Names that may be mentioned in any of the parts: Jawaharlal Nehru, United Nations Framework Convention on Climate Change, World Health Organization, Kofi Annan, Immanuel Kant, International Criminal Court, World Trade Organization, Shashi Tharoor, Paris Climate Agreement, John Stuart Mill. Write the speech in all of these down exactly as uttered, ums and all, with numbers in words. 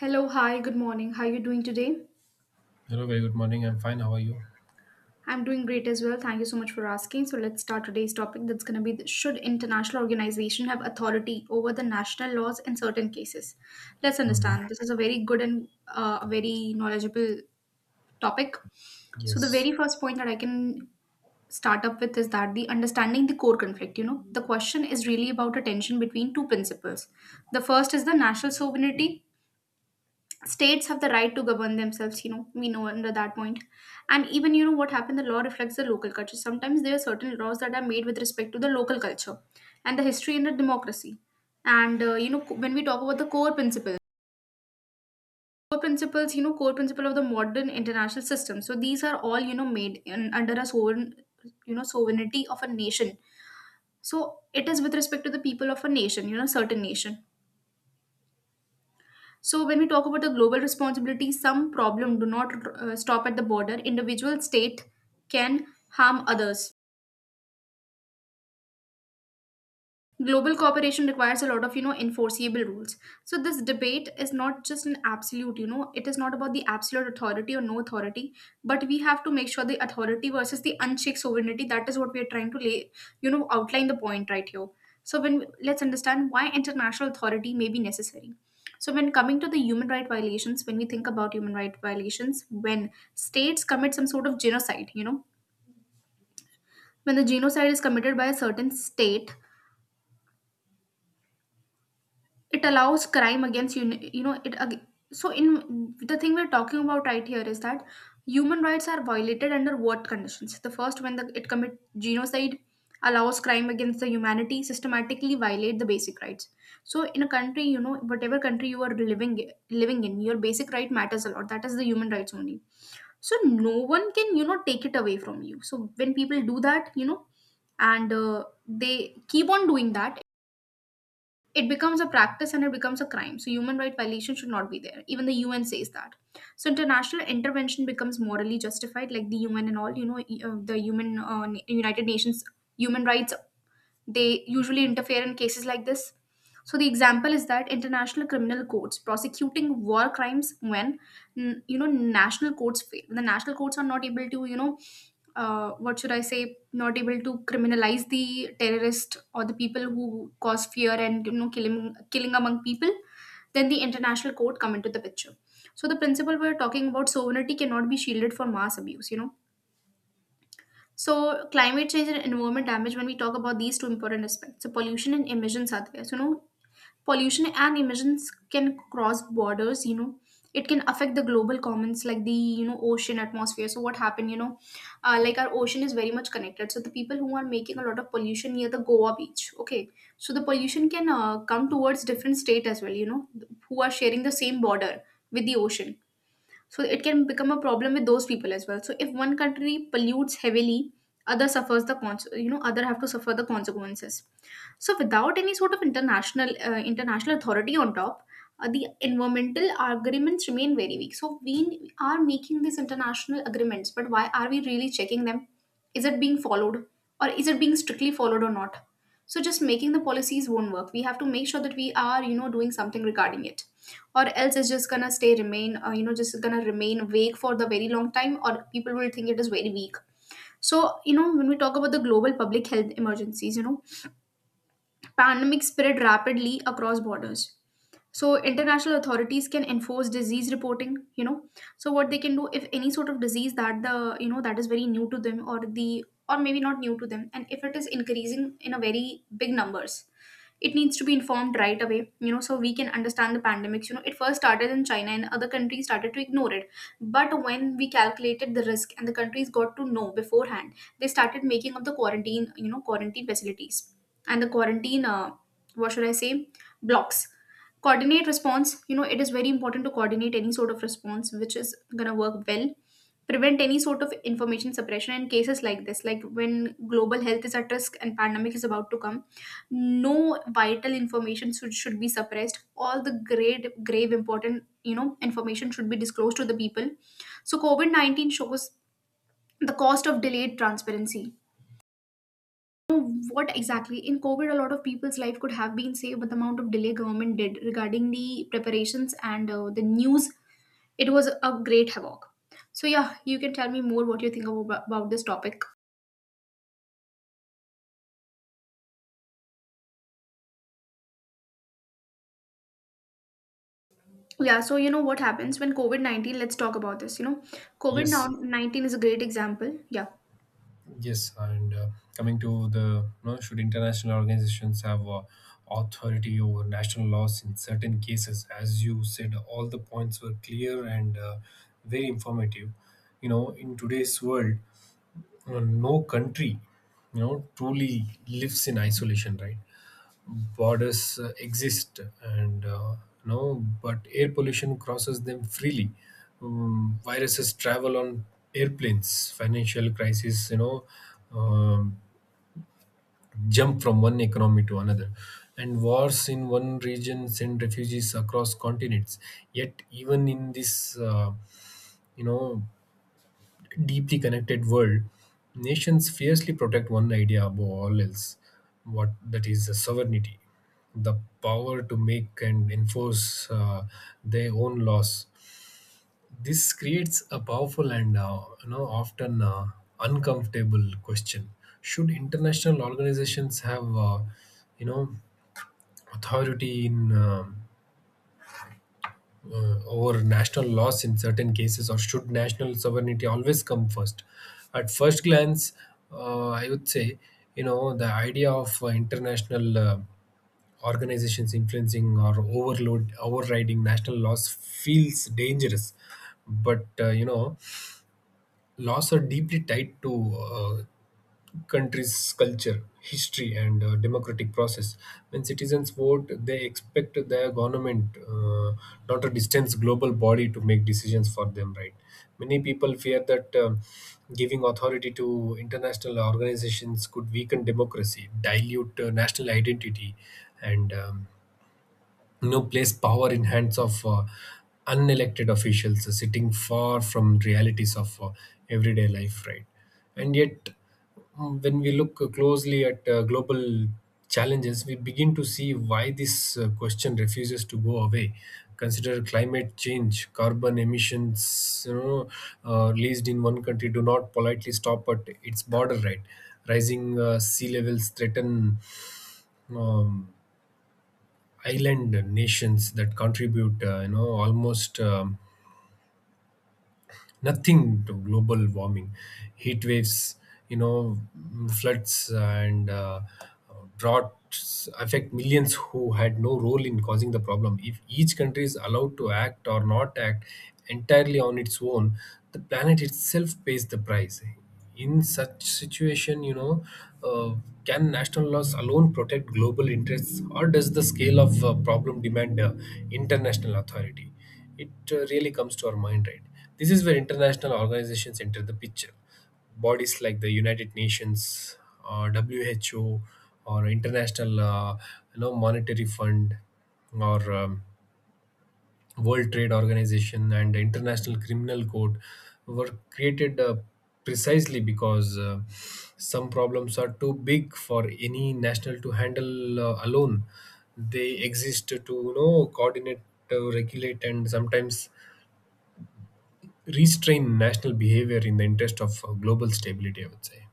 Hello, hi, good morning. How are you doing today? Hello, very good morning. I'm fine. How are you? I'm doing great as well. Thank you so much for asking. So let's start today's topic that's going to be. The- should international organization have authority over the national laws in certain cases? Let's Hmm. understand. This is a very good and uh, a very knowledgeable topic. So the Yes, very first point that I can start up with is that the understanding the core conflict, you know the question is really about a tension between two principles. The first is the national sovereignty. States have the right to govern themselves, you know we know, under that point. And even you know what happened, the law reflects the local culture. Sometimes there are certain laws that are made with respect to the local culture and the history and the democracy. And uh, you know when we talk about the core principles, core principles, you know core principle of the modern international system, so these are all you know made in, under a sovereign, you know sovereignty of a nation. So it is with respect to the people of a nation, you know certain nation. So, when we talk about the global responsibility, some problem do not uh, stop at the border. Individual state can harm others. Global cooperation requires a lot of you know enforceable rules. So this debate is not just an absolute, you know it is not about the absolute authority or no authority, but we have to make sure the authority versus the unchecked sovereignty, that is what we are trying to lay, you know outline the point right here. So when let's understand why international authority may be necessary. So when coming to the human right violations, when we think about human right violations, when states commit some sort of genocide, you know when the genocide is committed by a certain state, it allows crime against you, you know it ag- so in the thing we're talking about right here is that human rights are violated under what conditions. The first, when the, it commit genocide, allows crime against the humanity, systematically violate the basic rights. So in a country, you know whatever country you are living living in, your basic right matters a lot, that is the human rights only. So no one can, you know take it away from you. So when people do that, you know and uh, they keep on doing that, it becomes a practice and it becomes a crime. So human right violation should not be there. Even the U N says that. So international intervention becomes morally justified, like the U N and all. You know, e- uh, the human uh, Na- United Nations human rights, they usually interfere in cases like this. So the example is that international criminal courts prosecuting war crimes when mm, you know national courts fail. The national courts are not able to, you know uh, what should I say, not able to criminalize the terrorist or the people who cause fear and you know killing killing among people, then the international court come into the picture. So the principle we're talking about, sovereignty cannot be shielded from mass abuse, you know. So climate change and environment damage, when we talk about these two important aspects. So pollution and emissions are there. So you know pollution and emissions can cross borders, you know it can affect the global commons, like the, you know ocean atmosphere. So what happened, you know uh, like our ocean is very much connected. So the people who are making a lot of pollution near the Goa beach, okay, so the pollution can uh, come towards different state as well, you know who are sharing the same border with the ocean. So it can become a problem with those people as well. So if one country pollutes heavily, other suffers the cons- you know other have to suffer the consequences. So without any sort of international uh, international authority on top, uh, the environmental agreements remain very weak. So we are making these international agreements, but why are we really checking them? Is it being followed, or is it being strictly followed or not? So just making the policies won't work. We have to make sure that we are, you know doing something regarding it, or else it's just gonna stay remain uh, you know just gonna remain vague for the very long time, or people will think it is very weak. So you know when we talk about the global public health emergencies, you know pandemic spread rapidly across borders. So international authorities can enforce disease reporting, you know. So what they can do, if any sort of disease that the, you know that is very new to them, or the, or maybe not new to them, and if it is increasing in a very big numbers, it needs to be informed right away, you know so we can understand the pandemics. You know it first started in China, and other countries started to ignore it. But when we calculated the risk and the countries got to know beforehand, they started making up the quarantine, you know quarantine facilities, and the quarantine, uh, what should I say, blocks, coordinate response. You know it is very important to coordinate any sort of response which is going to work well, prevent any sort of information suppression in cases like this, like when global health is at risk and pandemic is about to come. No vital information should, should be suppressed. All the great grave important, you know information should be disclosed to the people. So covid nineteen shows the cost of delayed transparency. Know what exactly in COVID, a lot of people's life could have been saved, but the amount of delay government did regarding the preparations and uh, the news, it was a great havoc. So yeah, you can tell me more what you think about, about this topic. Yeah, so you know what happens when covid nineteen, let's talk about this, you know yes, covid nineteen is a great example. Yeah, yes. And uh, Coming to the, you know, should international organizations have uh, authority over national laws in certain cases? As you said, all the points were clear and uh, very informative. You know, in today's world, uh, no country, you know, truly lives in isolation, right? Borders uh, exist, and uh, no, but air pollution crosses them freely. Um, viruses travel on airplanes, financial crises, you know, um, jump from one economy to another, and wars in one region send refugees across continents. Yet even in this uh, you know, deeply connected world, nations fiercely protect one idea above all else. What that is, the sovereignty, the power to make and enforce uh, their own laws. This creates a powerful and, uh, you know, often uh, uncomfortable question: should international organizations have uh, you know, authority in um uh, over national laws in certain cases, or should national sovereignty always come first? At first glance, uh, I would say, you know, the idea of uh, international uh, organizations influencing or overload overriding national laws feels dangerous. But, uh, you know, laws are deeply tied to uh, country's culture, history, and uh, democratic process. When citizens vote, they expect their government, uh, not a distant global body, to make decisions for them, right? Many people fear that um giving authority to international organizations could weaken democracy, dilute uh, national identity, and, um, you know, place power in hands of uh, unelected officials uh, sitting far from realities of uh, everyday life, right? And yet, mm, when we look closely at uh, global challenges, we begin to see why this uh, question refuses to go away. Consider climate change. Carbon emissions, you know, uh, released in one country do not politely stop at its border, right? Rising uh, sea levels threaten um, island nations that contribute, uh, you know, almost um, nothing to global warming. Heat waves, you know, floods, and uh, droughts affect millions who had no role in causing the problem. If each country is allowed to act or not act entirely on its own, the planet itself pays the price. In such situation, you know, uh, can national laws alone protect global interests, or does the scale of uh, problem demand uh, international authority? It uh, really comes to our mind, right? This is where international organizations enter the picture. Bodies like the United Nations or WHO or International uh, you know, Monetary Fund or, um, World Trade Organization and International Criminal Court were created uh, precisely because uh, some problems are too big for any national to handle uh, alone. They exist to, you know, coordinate, uh, regulate, and sometimes restrain national behavior in the interest of uh, global stability, I would say.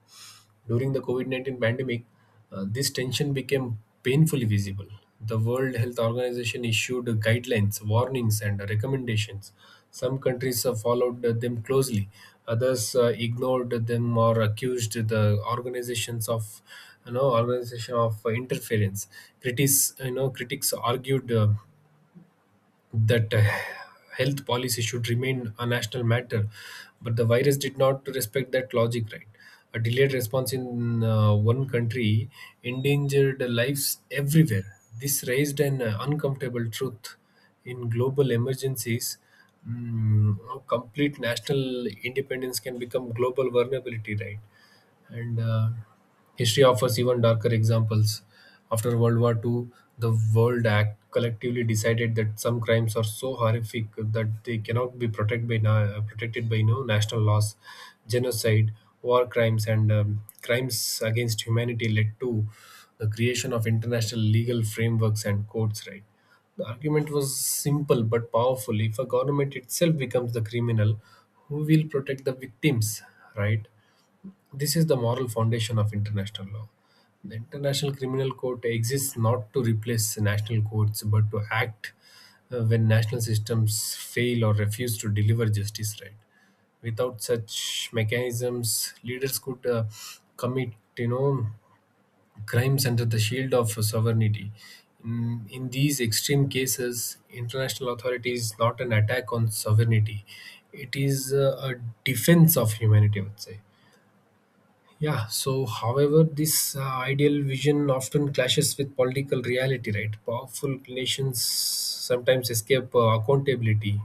During the COVID nineteen pandemic, uh, this tension became painfully visible. The World Health Organization issued guidelines, warnings, and recommendations. Some countries uh, followed them closely; others uh, ignored them or accused the organizations of, you know organization of uh, interference. Critics you know critics argued uh, that uh, health policy should remain a national matter, but the virus did not respect that logic, right? A delayed response in uh, one country endangered lives everywhere. This raised an uh, uncomfortable truth in global emergencies. mm, Complete national independence can become global vulnerability, right? And uh, history offers even darker examples. After World War the second, the World Act collectively decided that some crimes are so horrific that they cannot be protected by na- protected by you know, national laws. Genocide, war crimes, and, um, crimes against humanity led to the creation of international legal frameworks and courts. Right. The argument was simple but powerful. If a government itself becomes the criminal, who will protect the victims, right? This is the moral foundation of international law. The International Criminal Court exists not to replace national courts, but to act uh, when national systems fail or refuse to deliver justice, right. Without such mechanisms, leaders could, uh, commit, you know, crimes under the shield of sovereignty. In, in these extreme cases, international authority is not an attack on sovereignty; it is uh, a defense of humanity, I would say. Yeah, so however, this uh, ideal vision often clashes with political reality, right? Powerful nations sometimes escape uh, accountability,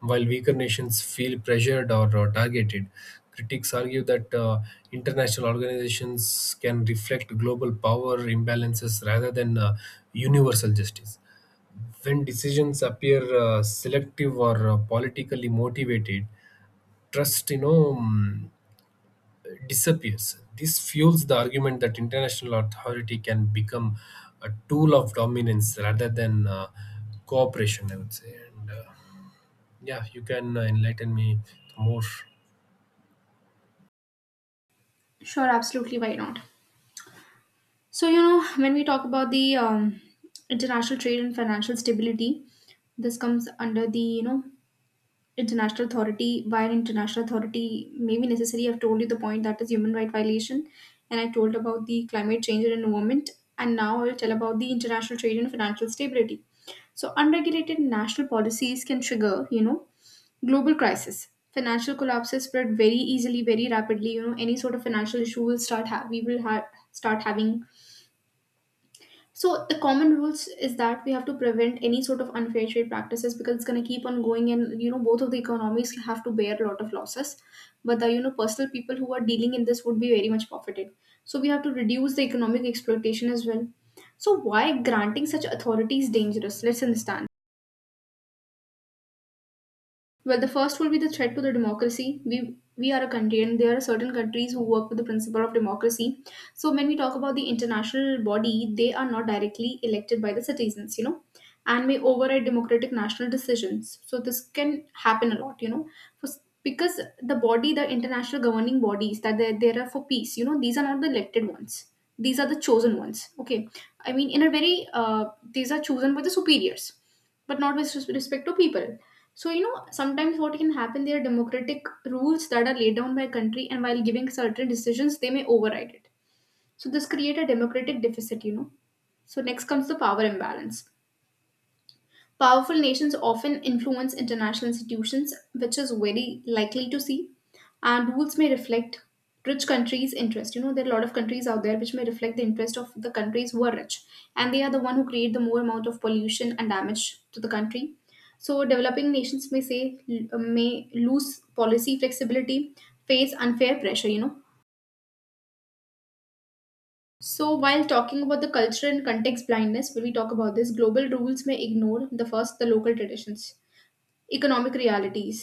while weaker nations feel pressured or uh, targeted. Critics argue that uh, international organizations can reflect global power imbalances rather than uh, universal justice. When decisions appear uh, selective or uh, politically motivated, trust you know mm, disappears. This fuels the argument that international authority can become a tool of dominance rather than uh, cooperation, I would say. And uh, yeah, you can uh, enlighten me more. sure, absolutely, why not. So you know when we talk about the um, international trade and financial stability, this comes under the, you know international authority. While international authority may be necessary, I've told you the point, that is human right violation, and I told about the climate change and environment, and now I'll tell about the international trade and financial stability. So unregulated national policies can trigger, you know global crisis. Financial collapses spread very easily, very rapidly. You know any sort of financial issue will start ha- we will ha- start having. So the common rules is that we have to prevent any sort of unfair trade practices, because it's going to keep on going, and you know both of the economies have to bear a lot of losses. But the, you know personal people who are dealing in this would be very much profited. So we have to reduce the economic exploitation as well. So why granting such authority is dangerous? Let's understand. Well, the first will be the threat to the democracy. We we are a country, and there are certain countries who work with the principle of democracy. So when we talk about the international body, they are not directly elected by the citizens, you know, and may override democratic national decisions. So this can happen a lot, you know, for, because the body, the international governing bodies that they there are for peace, you know, these are not the elected ones. These are the chosen ones. Okay, I mean, in a very uh, these are chosen by the superiors, but not with res- respect to people. So, you know, sometimes what can happen, there are democratic rules that are laid down by a country, and while giving certain decisions, they may override it. So, this create a democratic deficit, you know. So, next comes the power imbalance. Powerful nations often influence international institutions, which is very likely to see, and rules may reflect rich countries' interest. You know, there are a lot of countries out there which may reflect the interest of the countries who are rich, and they are the one who create the more amount of pollution and damage to the country. So, developing nations may say may lose policy flexibility, face unfair pressure. You know, so, while talking about the culture and context blindness, when we talk about this, global rules may ignore the first, the local traditions, economic realities,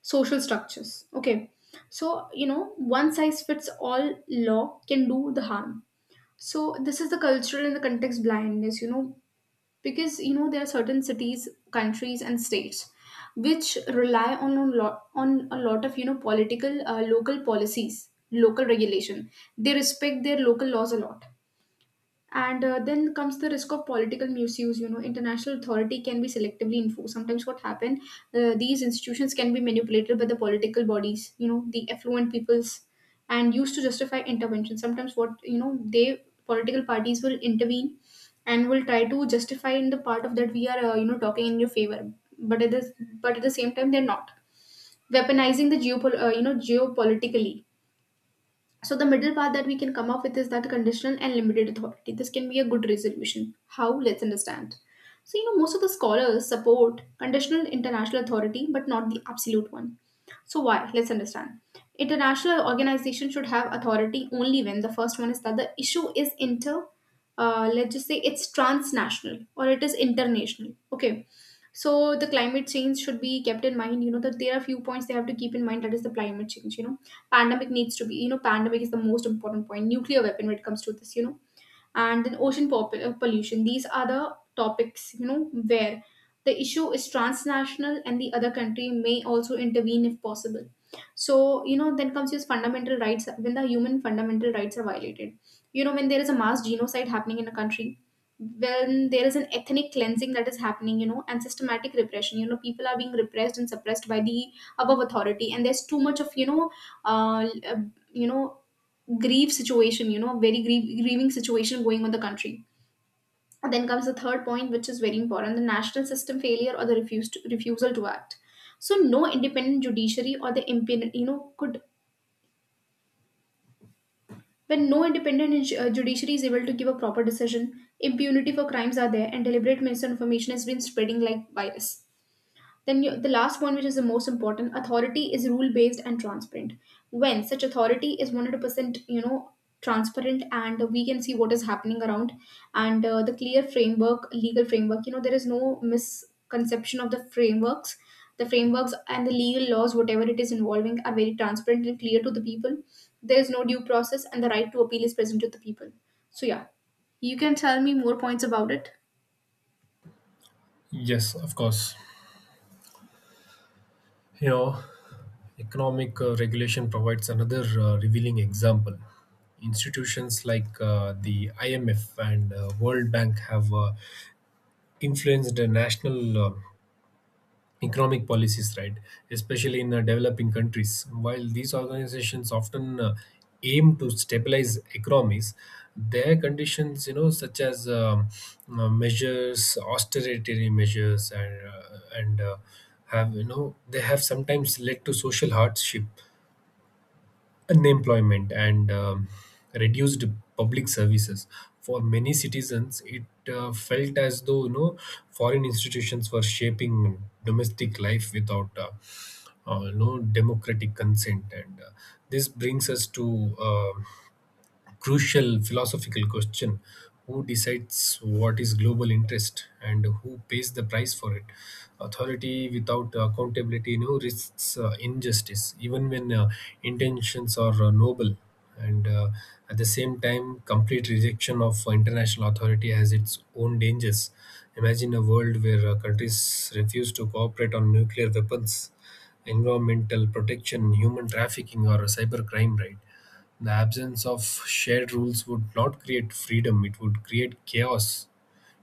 social structures. Okay, so you know, one size fits all law can do the harm. So this is the cultural and the context blindness, you know, because you know there are certain cities, countries, and states which rely on a lot on a lot of you know political uh, local policies, local regulation. They respect their local laws a lot, and uh, then comes the risk of political misuse. You know, international authority can be selectively enforced. Sometimes what happen, uh, these institutions can be manipulated by the political bodies. You know, the affluent peoples, and used to justify intervention. Sometimes what you know, they political parties will intervene, and will try to justify in the part of that we are uh, you know talking in your favor. But at the but at the same time, they're not weaponizing the geopol- uh, you know geopolitically. So the middle path that we can come up with is that conditional and limited authority. This can be a good resolution. How? Let's understand. So you know most of the scholars support conditional international authority, but not the absolute one. So, why? Let's understand. International organization should have authority only when the first one is that the issue is inter, uh, let's just say it's transnational or it is international. Okay. So the climate change should be kept in mind. You know that there are few points they have to keep in mind. That is the climate change. You know, pandemic needs to be. You know, pandemic is the most important point. Nuclear weapon when it comes to this. You know, and then ocean pop- uh, pollution. These are the topics, you know, where the issue is transnational and the other country may also intervene if possible. So, you know, then comes his fundamental rights when the human fundamental rights are violated. You know, when there is a mass genocide happening in a country, when there is an ethnic cleansing that is happening, you know, and systematic repression, you know, people are being repressed and suppressed by the above authority, and there's too much of, you know, uh, you know grief situation you know very grief, grieving situation going on the country. And then comes the third point, which is very important, the national system failure or the refuse to, refusal to act. So no independent judiciary or the impun you know could when no independent ju- uh, judiciary is able to give a proper decision, impunity for crimes are there, and deliberate misinformation has been spreading like virus. Then you, the last one, which is the most important, authority is rule based and transparent. When such authority is one hundred percent, you know, transparent and we can see what is happening around, and uh, the clear framework, legal framework, you know, there is no misconception of the frameworks. The frameworks and the legal laws, whatever it is involving, are very transparent and clear to the people. There is no due process and the right to appeal is present to the people. So, yeah, you can tell me more points about it. Yes, of course. You know, economic uh, regulation provides another uh, revealing example. Institutions like uh, the I M F and uh, World Bank have uh, influenced the national uh, economic policies, right? Especially in uh, developing countries. While these organizations often uh, aim to stabilize economies, their conditions, you know, such as, um, uh, measures, austerity measures, and uh, and uh, have, you know, they have sometimes led to social hardship, unemployment, and, um, reduced public services. For many citizens, it uh, felt as though, you know, foreign institutions were shaping domestic life without uh, uh, no democratic consent. And uh, this brings us to uh, crucial philosophical question: who decides what is global interest, and who pays the price for it? Authority without accountability, you know, risks uh, injustice even when uh, intentions are uh, noble. And uh, at the same time, complete rejection of international authority has its own dangers. Imagine a world where uh, countries refuse to cooperate on nuclear weapons, environmental protection, human trafficking, or cybercrime, right? The absence of shared rules would not create freedom; it would create chaos.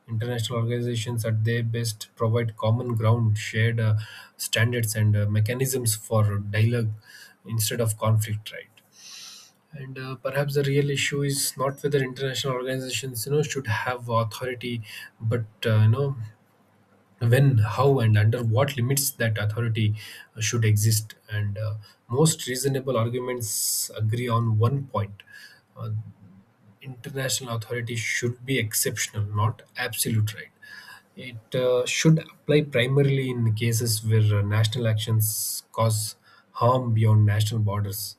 International organizations, at their best, provide common ground, shared uh, standards, and uh, mechanisms for dialogue instead of conflict, right? And uh, perhaps the real issue is not whether international organizations, you know, should have authority, but, uh, you know, when, how, and under what limits that authority uh, should exist. And uh, most reasonable arguments agree on one point: uh, international authority should be exceptional, not absolute, right. It uh, should apply primarily in cases where uh, national actions cause harm beyond national borders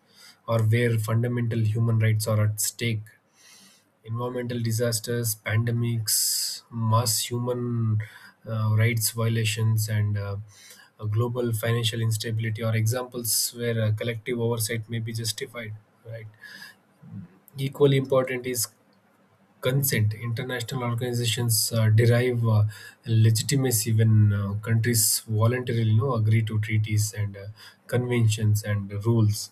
or where fundamental human rights are at stake. Environmental disasters, pandemics, mass human uh, rights violations, and uh, uh, global financial instability are examples where uh, collective oversight may be justified. Right. Equally important is consent. International organizations uh, derive uh, legitimacy when uh, countries voluntarily, you know, agree to treaties and uh, conventions and rules.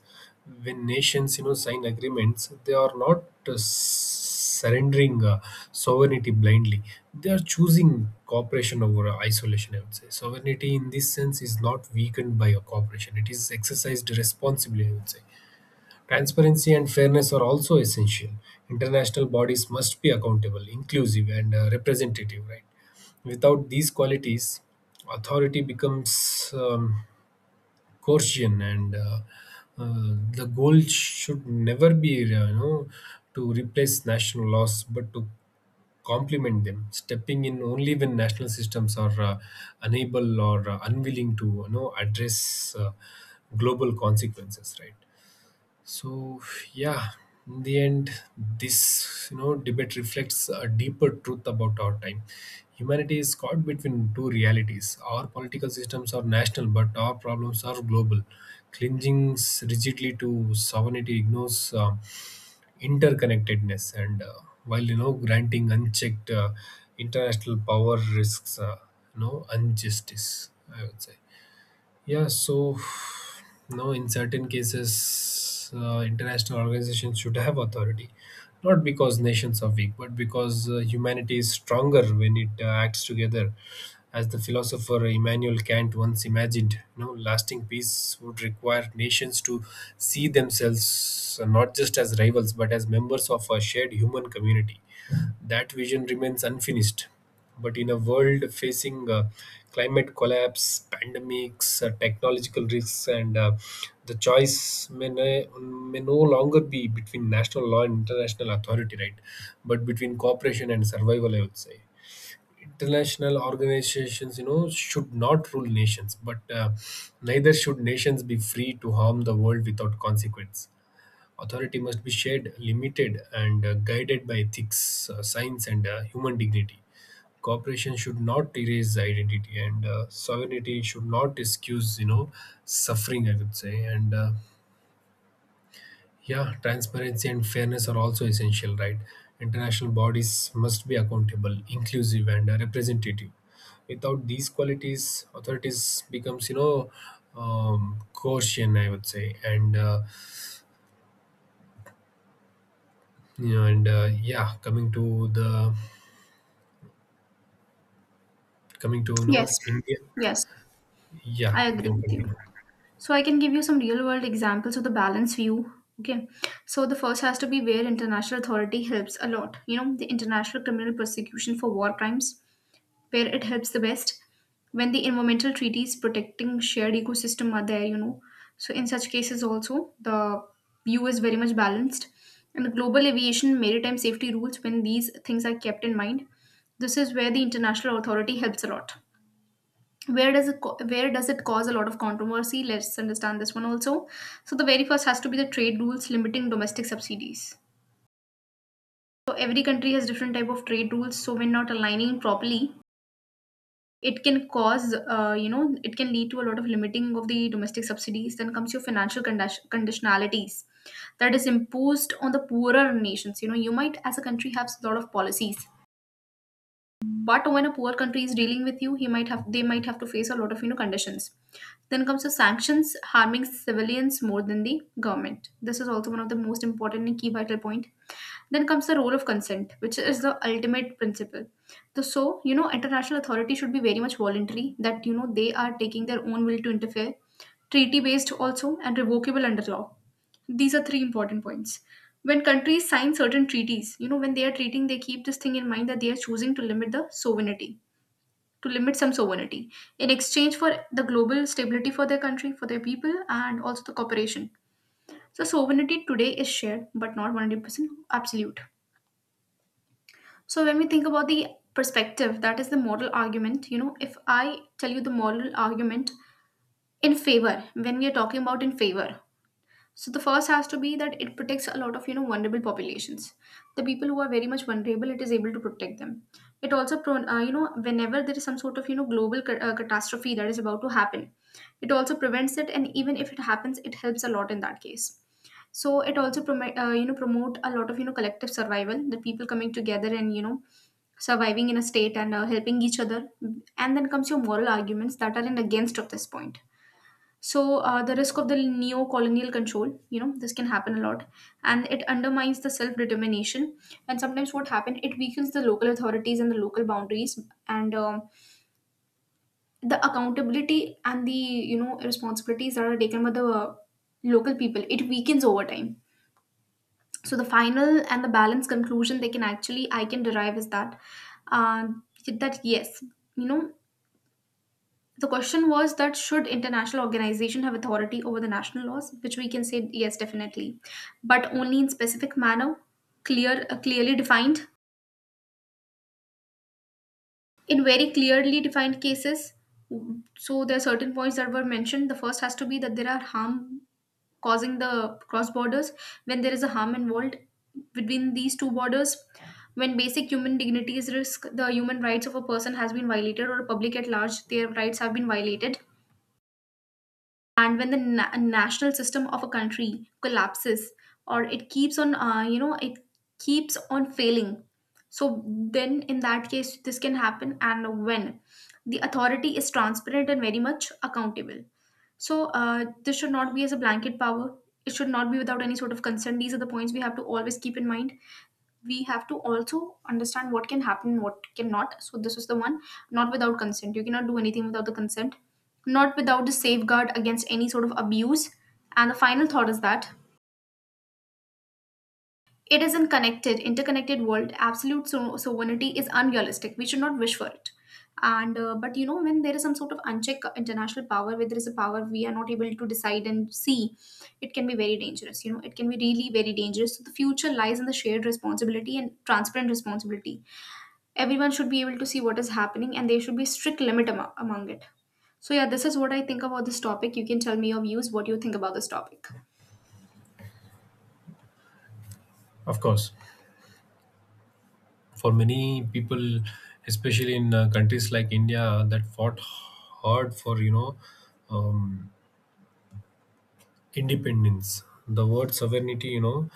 When nations, you know, sign agreements, they are not uh, surrendering uh, sovereignty blindly. They are choosing cooperation over isolation, I would say. Sovereignty in this sense is not weakened by a cooperation. It is exercised responsibly, I would say. Transparency and fairness are also essential. International bodies must be accountable, inclusive, and uh, representative, right? Without these qualities, authority becomes, um, coercion. And uh, uh, the goal should never be, uh, you know, to replace national laws, but to complement them, stepping in only when national systems are uh, unable or uh, unwilling to, you know, address uh, global consequences, right? So yeah, in the end, this, you know, debate reflects a deeper truth about our time. Humanity is caught between two realities. Our political systems are national, but our problems are global. Clinging rigidly to sovereignty ignores uh, interconnectedness, and uh, while, you know, granting unchecked uh, international power risks, uh, you know, injustice, I would say. Yeah, so no, in certain cases, uh, international organizations should have authority, not because nations are weak, but because uh, humanity is stronger when it uh, acts together. As the philosopher Immanuel Kant once imagined, you know, lasting peace would require nations to see themselves uh, not just as rivals, but as members of a shared human community. That vision remains unfinished, but in a world facing uh, climate collapse, pandemics, uh, technological risks, and, uh, the choice may, ne- may no longer be between national law and international authority, right? But between cooperation and survival, I would say. International organizations, you know, should not rule nations, but uh, neither should nations be free to harm the world without consequence. Authority must be shared, limited, and uh, guided by ethics, uh, science, and uh, human dignity. Cooperation should not erase identity, and uh, sovereignty should not excuse, you know, suffering, I would say. And uh, yeah, transparency and fairness are also essential, right? International bodies must be accountable, inclusive, and uh, representative. Without these qualities, authorities becomes, you know, um, coercion, I would say. And uh, you know, and uh, yeah, coming to the coming to know Yes, India. yes, Yeah, I you agree can with you. continue. So I can give you some real world examples of the balance view. Okay. So the first has to be where international authority helps a lot. You know, the international criminal prosecution for war crimes, where it helps the best. When the environmental treaties protecting shared ecosystem are there, you know. So in such cases also the view is very much balanced. And the global aviation maritime safety rules when these things are kept in mind. This is where the international authority helps a lot. Where does it co- where does it cause a lot of controversy? Let's understand this one also. So the very first has to be the trade rules limiting domestic subsidies. So every country has different type of trade rules, so when not aligning properly, it can cause uh, you know, it can lead to a lot of limiting of the domestic subsidies. Then comes your financial condition- conditionalities that is imposed on the poorer nations. You know, you might as a country have a lot of policies, but when a poor country is dealing with you, he might have they might have to face a lot of, you know, conditions. Then comes the sanctions harming civilians more than the government. This is also one of the most important and key vital point. Then comes the role of consent, which is the ultimate principle. The, so, you know, international authority should be very much voluntary, that, you know, they are taking their own will to interfere, treaty based also, and revocable under law. These are three important points. When countries sign certain treaties, you know, when they are treating, they keep this thing in mind that they are choosing to limit the sovereignty, to limit some sovereignty in exchange for the global stability for their country, for their people, and also the cooperation. So, sovereignty today is shared, but not one hundred percent absolute. So when we think about the perspective, that is the moral argument, you know, if I tell you the moral argument in favor, when we are talking about in favor, so the first has to be that it protects a lot of, you know, vulnerable populations. The people who are very much vulnerable, it is able to protect them. It also, pro- uh, you know, whenever there is some sort of, you know, global ca- uh, catastrophe that is about to happen, it also prevents it. And even if it happens, it helps a lot in that case. So it also promote, uh, you know, promote a lot of, you know, collective survival, the people coming together and, you know, surviving in a state and uh, helping each other. And then comes your moral arguments that are in against of this point. So uh, the risk of the neo-colonial control, you know, this can happen a lot, and it undermines the self-determination. And sometimes what happens, it weakens the local authorities and the local boundaries, and um, the accountability and the, you know, responsibilities that are taken by the uh, local people, it weakens over time. So the final and the balanced conclusion they can actually I can derive is that uh, that yes, you know, the question was that should international organization have authority over the national laws, which we can say yes, definitely, but only in specific manner, clear, uh, clearly defined, in very clearly defined cases. So there are certain points that were mentioned. The first has to be that there are harm causing the cross borders, when there is a harm involved between these two borders, when basic human dignity is risk, the human rights of a person has been violated or public at large their rights have been violated, and when the na- national system of a country collapses or it keeps on uh, you know, it keeps on failing. So then in that case this can happen, and when the authority is transparent and very much accountable. So uh, this should not be as a blanket power. It should not be without any sort of consent. These are the points we have to always keep in mind. We have to also understand what can happen, what cannot. So this is the one: not without consent, you cannot do anything without the consent, not without the safeguard against any sort of abuse. And the final thought is that it is in connected interconnected world, absolute so- sovereignty is unrealistic, we should not wish for it. And uh, but you know, when there is some sort of unchecked international power, where there is a power we are not able to decide and see, it can be very dangerous, you know, it can be really very dangerous. So the future lies in the shared responsibility and transparent responsibility. Everyone should be able to see what is happening, and there should be strict limit amo- among it. So yeah, this is what I think about this topic. You can tell me your views, what you think about this topic. Of course, for many people, especially in uh, countries like India that fought hard for you know um, independence, the word sovereignty, you know,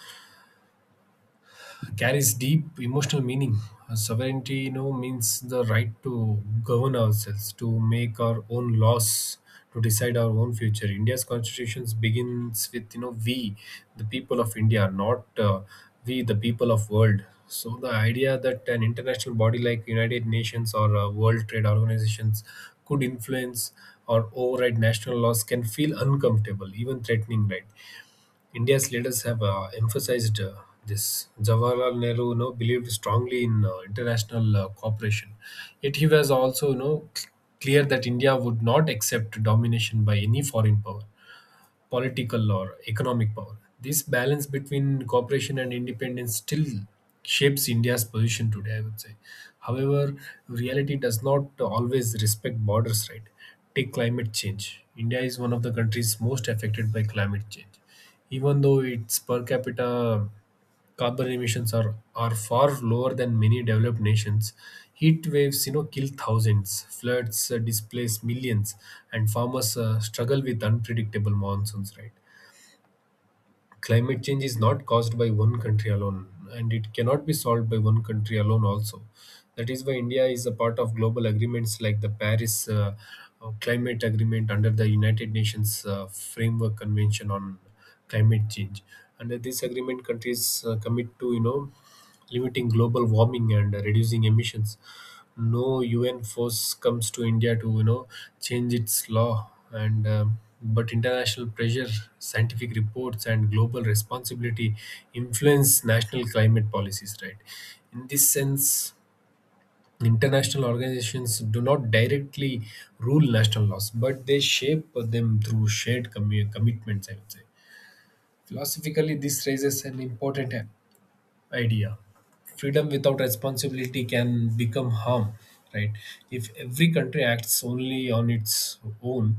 carries deep emotional meaning. Uh, sovereignty, you know, means the right to govern ourselves, to make our own laws, to decide our own future. India's constitution begins with you know we, the people of India, not uh, we, the people of world. So the idea that an international body like United Nations or uh, World Trade Organizations could influence or override national laws can feel uncomfortable, even threatening, right? India's leaders have uh, emphasized uh, this. Jawaharlal Nehru you know, believed strongly in uh, international uh, cooperation, yet he was also you know, c- clear that India would not accept domination by any foreign power, political or economic power. This balance between cooperation and independence still shapes India's position today, I would say. However, reality does not always respect borders, right? Take climate change. India is one of the countries most affected by climate change, even though its per capita carbon emissions are, are far lower than many developed nations. Heat waves you know, kill thousands. Floods uh, displace millions, and farmers uh, struggle with unpredictable monsoons, right? Climate change is not caused by one country alone, and it cannot be solved by one country alone, also. That is why India is a part of global agreements like the Paris uh, uh, Climate Agreement under the United Nations uh, Framework Convention on Climate Change. Under this agreement, countries uh, commit to, you know, limiting global warming and reducing emissions. No U N force comes to India to you know change its law, and um, but international pressure, scientific reports, and global responsibility influence national climate policies. Right, in this sense, international organizations do not directly rule national laws, but they shape them through shared commu- commitments, I would say. Philosophically, this raises an important idea: freedom without responsibility can become harm, right? If every country acts only on its own,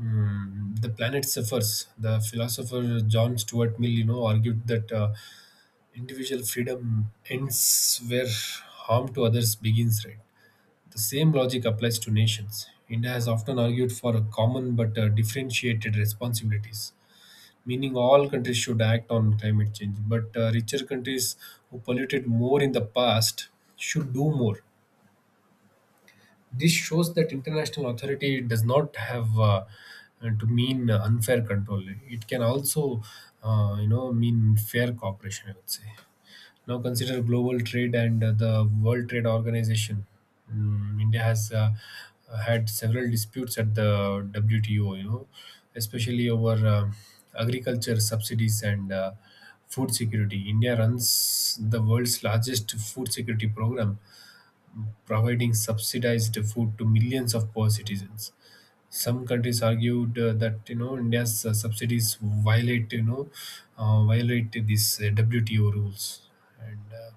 mm, the planet suffers. The philosopher John Stuart Mill you know argued that uh, individual freedom ends where harm to others begins, right? The same logic applies to nations. India has often argued for a common but uh, differentiated responsibilities, meaning all countries should act on climate change. But uh, richer countries who polluted more in the past should do more. This shows that international authority does not have uh, uh, to mean unfair control. It can also, uh, you know, mean fair cooperation, I would say. Now consider global trade and uh, the World Trade Organization. Mm, India has uh, had several disputes at the W T O, you know, especially over uh, agriculture subsidies and uh, food security. India runs the world's largest food security program, providing subsidized food to millions of poor citizens. Some countries argued uh, that you know India's uh, subsidies violate you know uh, violate these uh, W T O rules. And uh,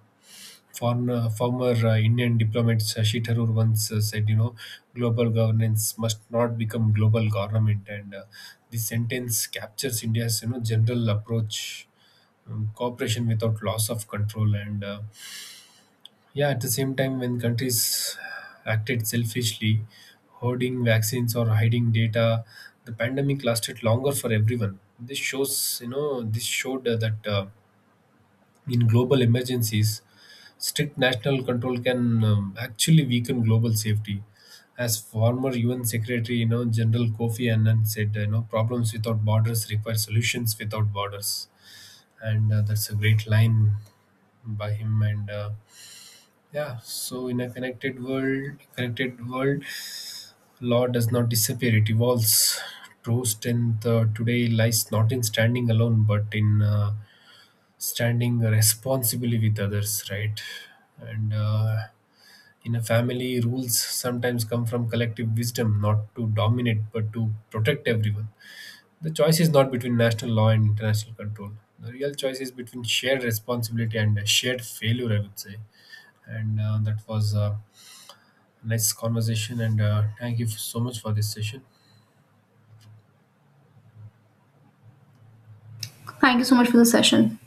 former, former uh, Indian diplomat Shashi Tharoor once uh, said, you know, global governance must not become global government. And uh, this sentence captures India's you know general approach um, cooperation without loss of control, and uh, yeah, at the same time, when countries acted selfishly, hoarding vaccines or hiding data, the pandemic lasted longer for everyone. This shows, you know, this showed uh, that uh, in global emergencies, strict national control can um, actually weaken global safety. As former U N Secretary, you know, General Kofi Annan said, you know, problems without borders require solutions without borders, and uh, that's a great line by him and. Uh, yeah, so in a connected world, connected world, law does not disappear; it evolves. True strength uh, today lies not in standing alone, but in uh, standing responsibly with others, right? And uh, in a family, rules sometimes come from collective wisdom, not to dominate, but to protect everyone. The choice is not between national law and international control. The real choice is between shared responsibility and shared failure, I would say and uh, that was a nice conversation. And uh, thank you so much for this session. Thank you so much for the session.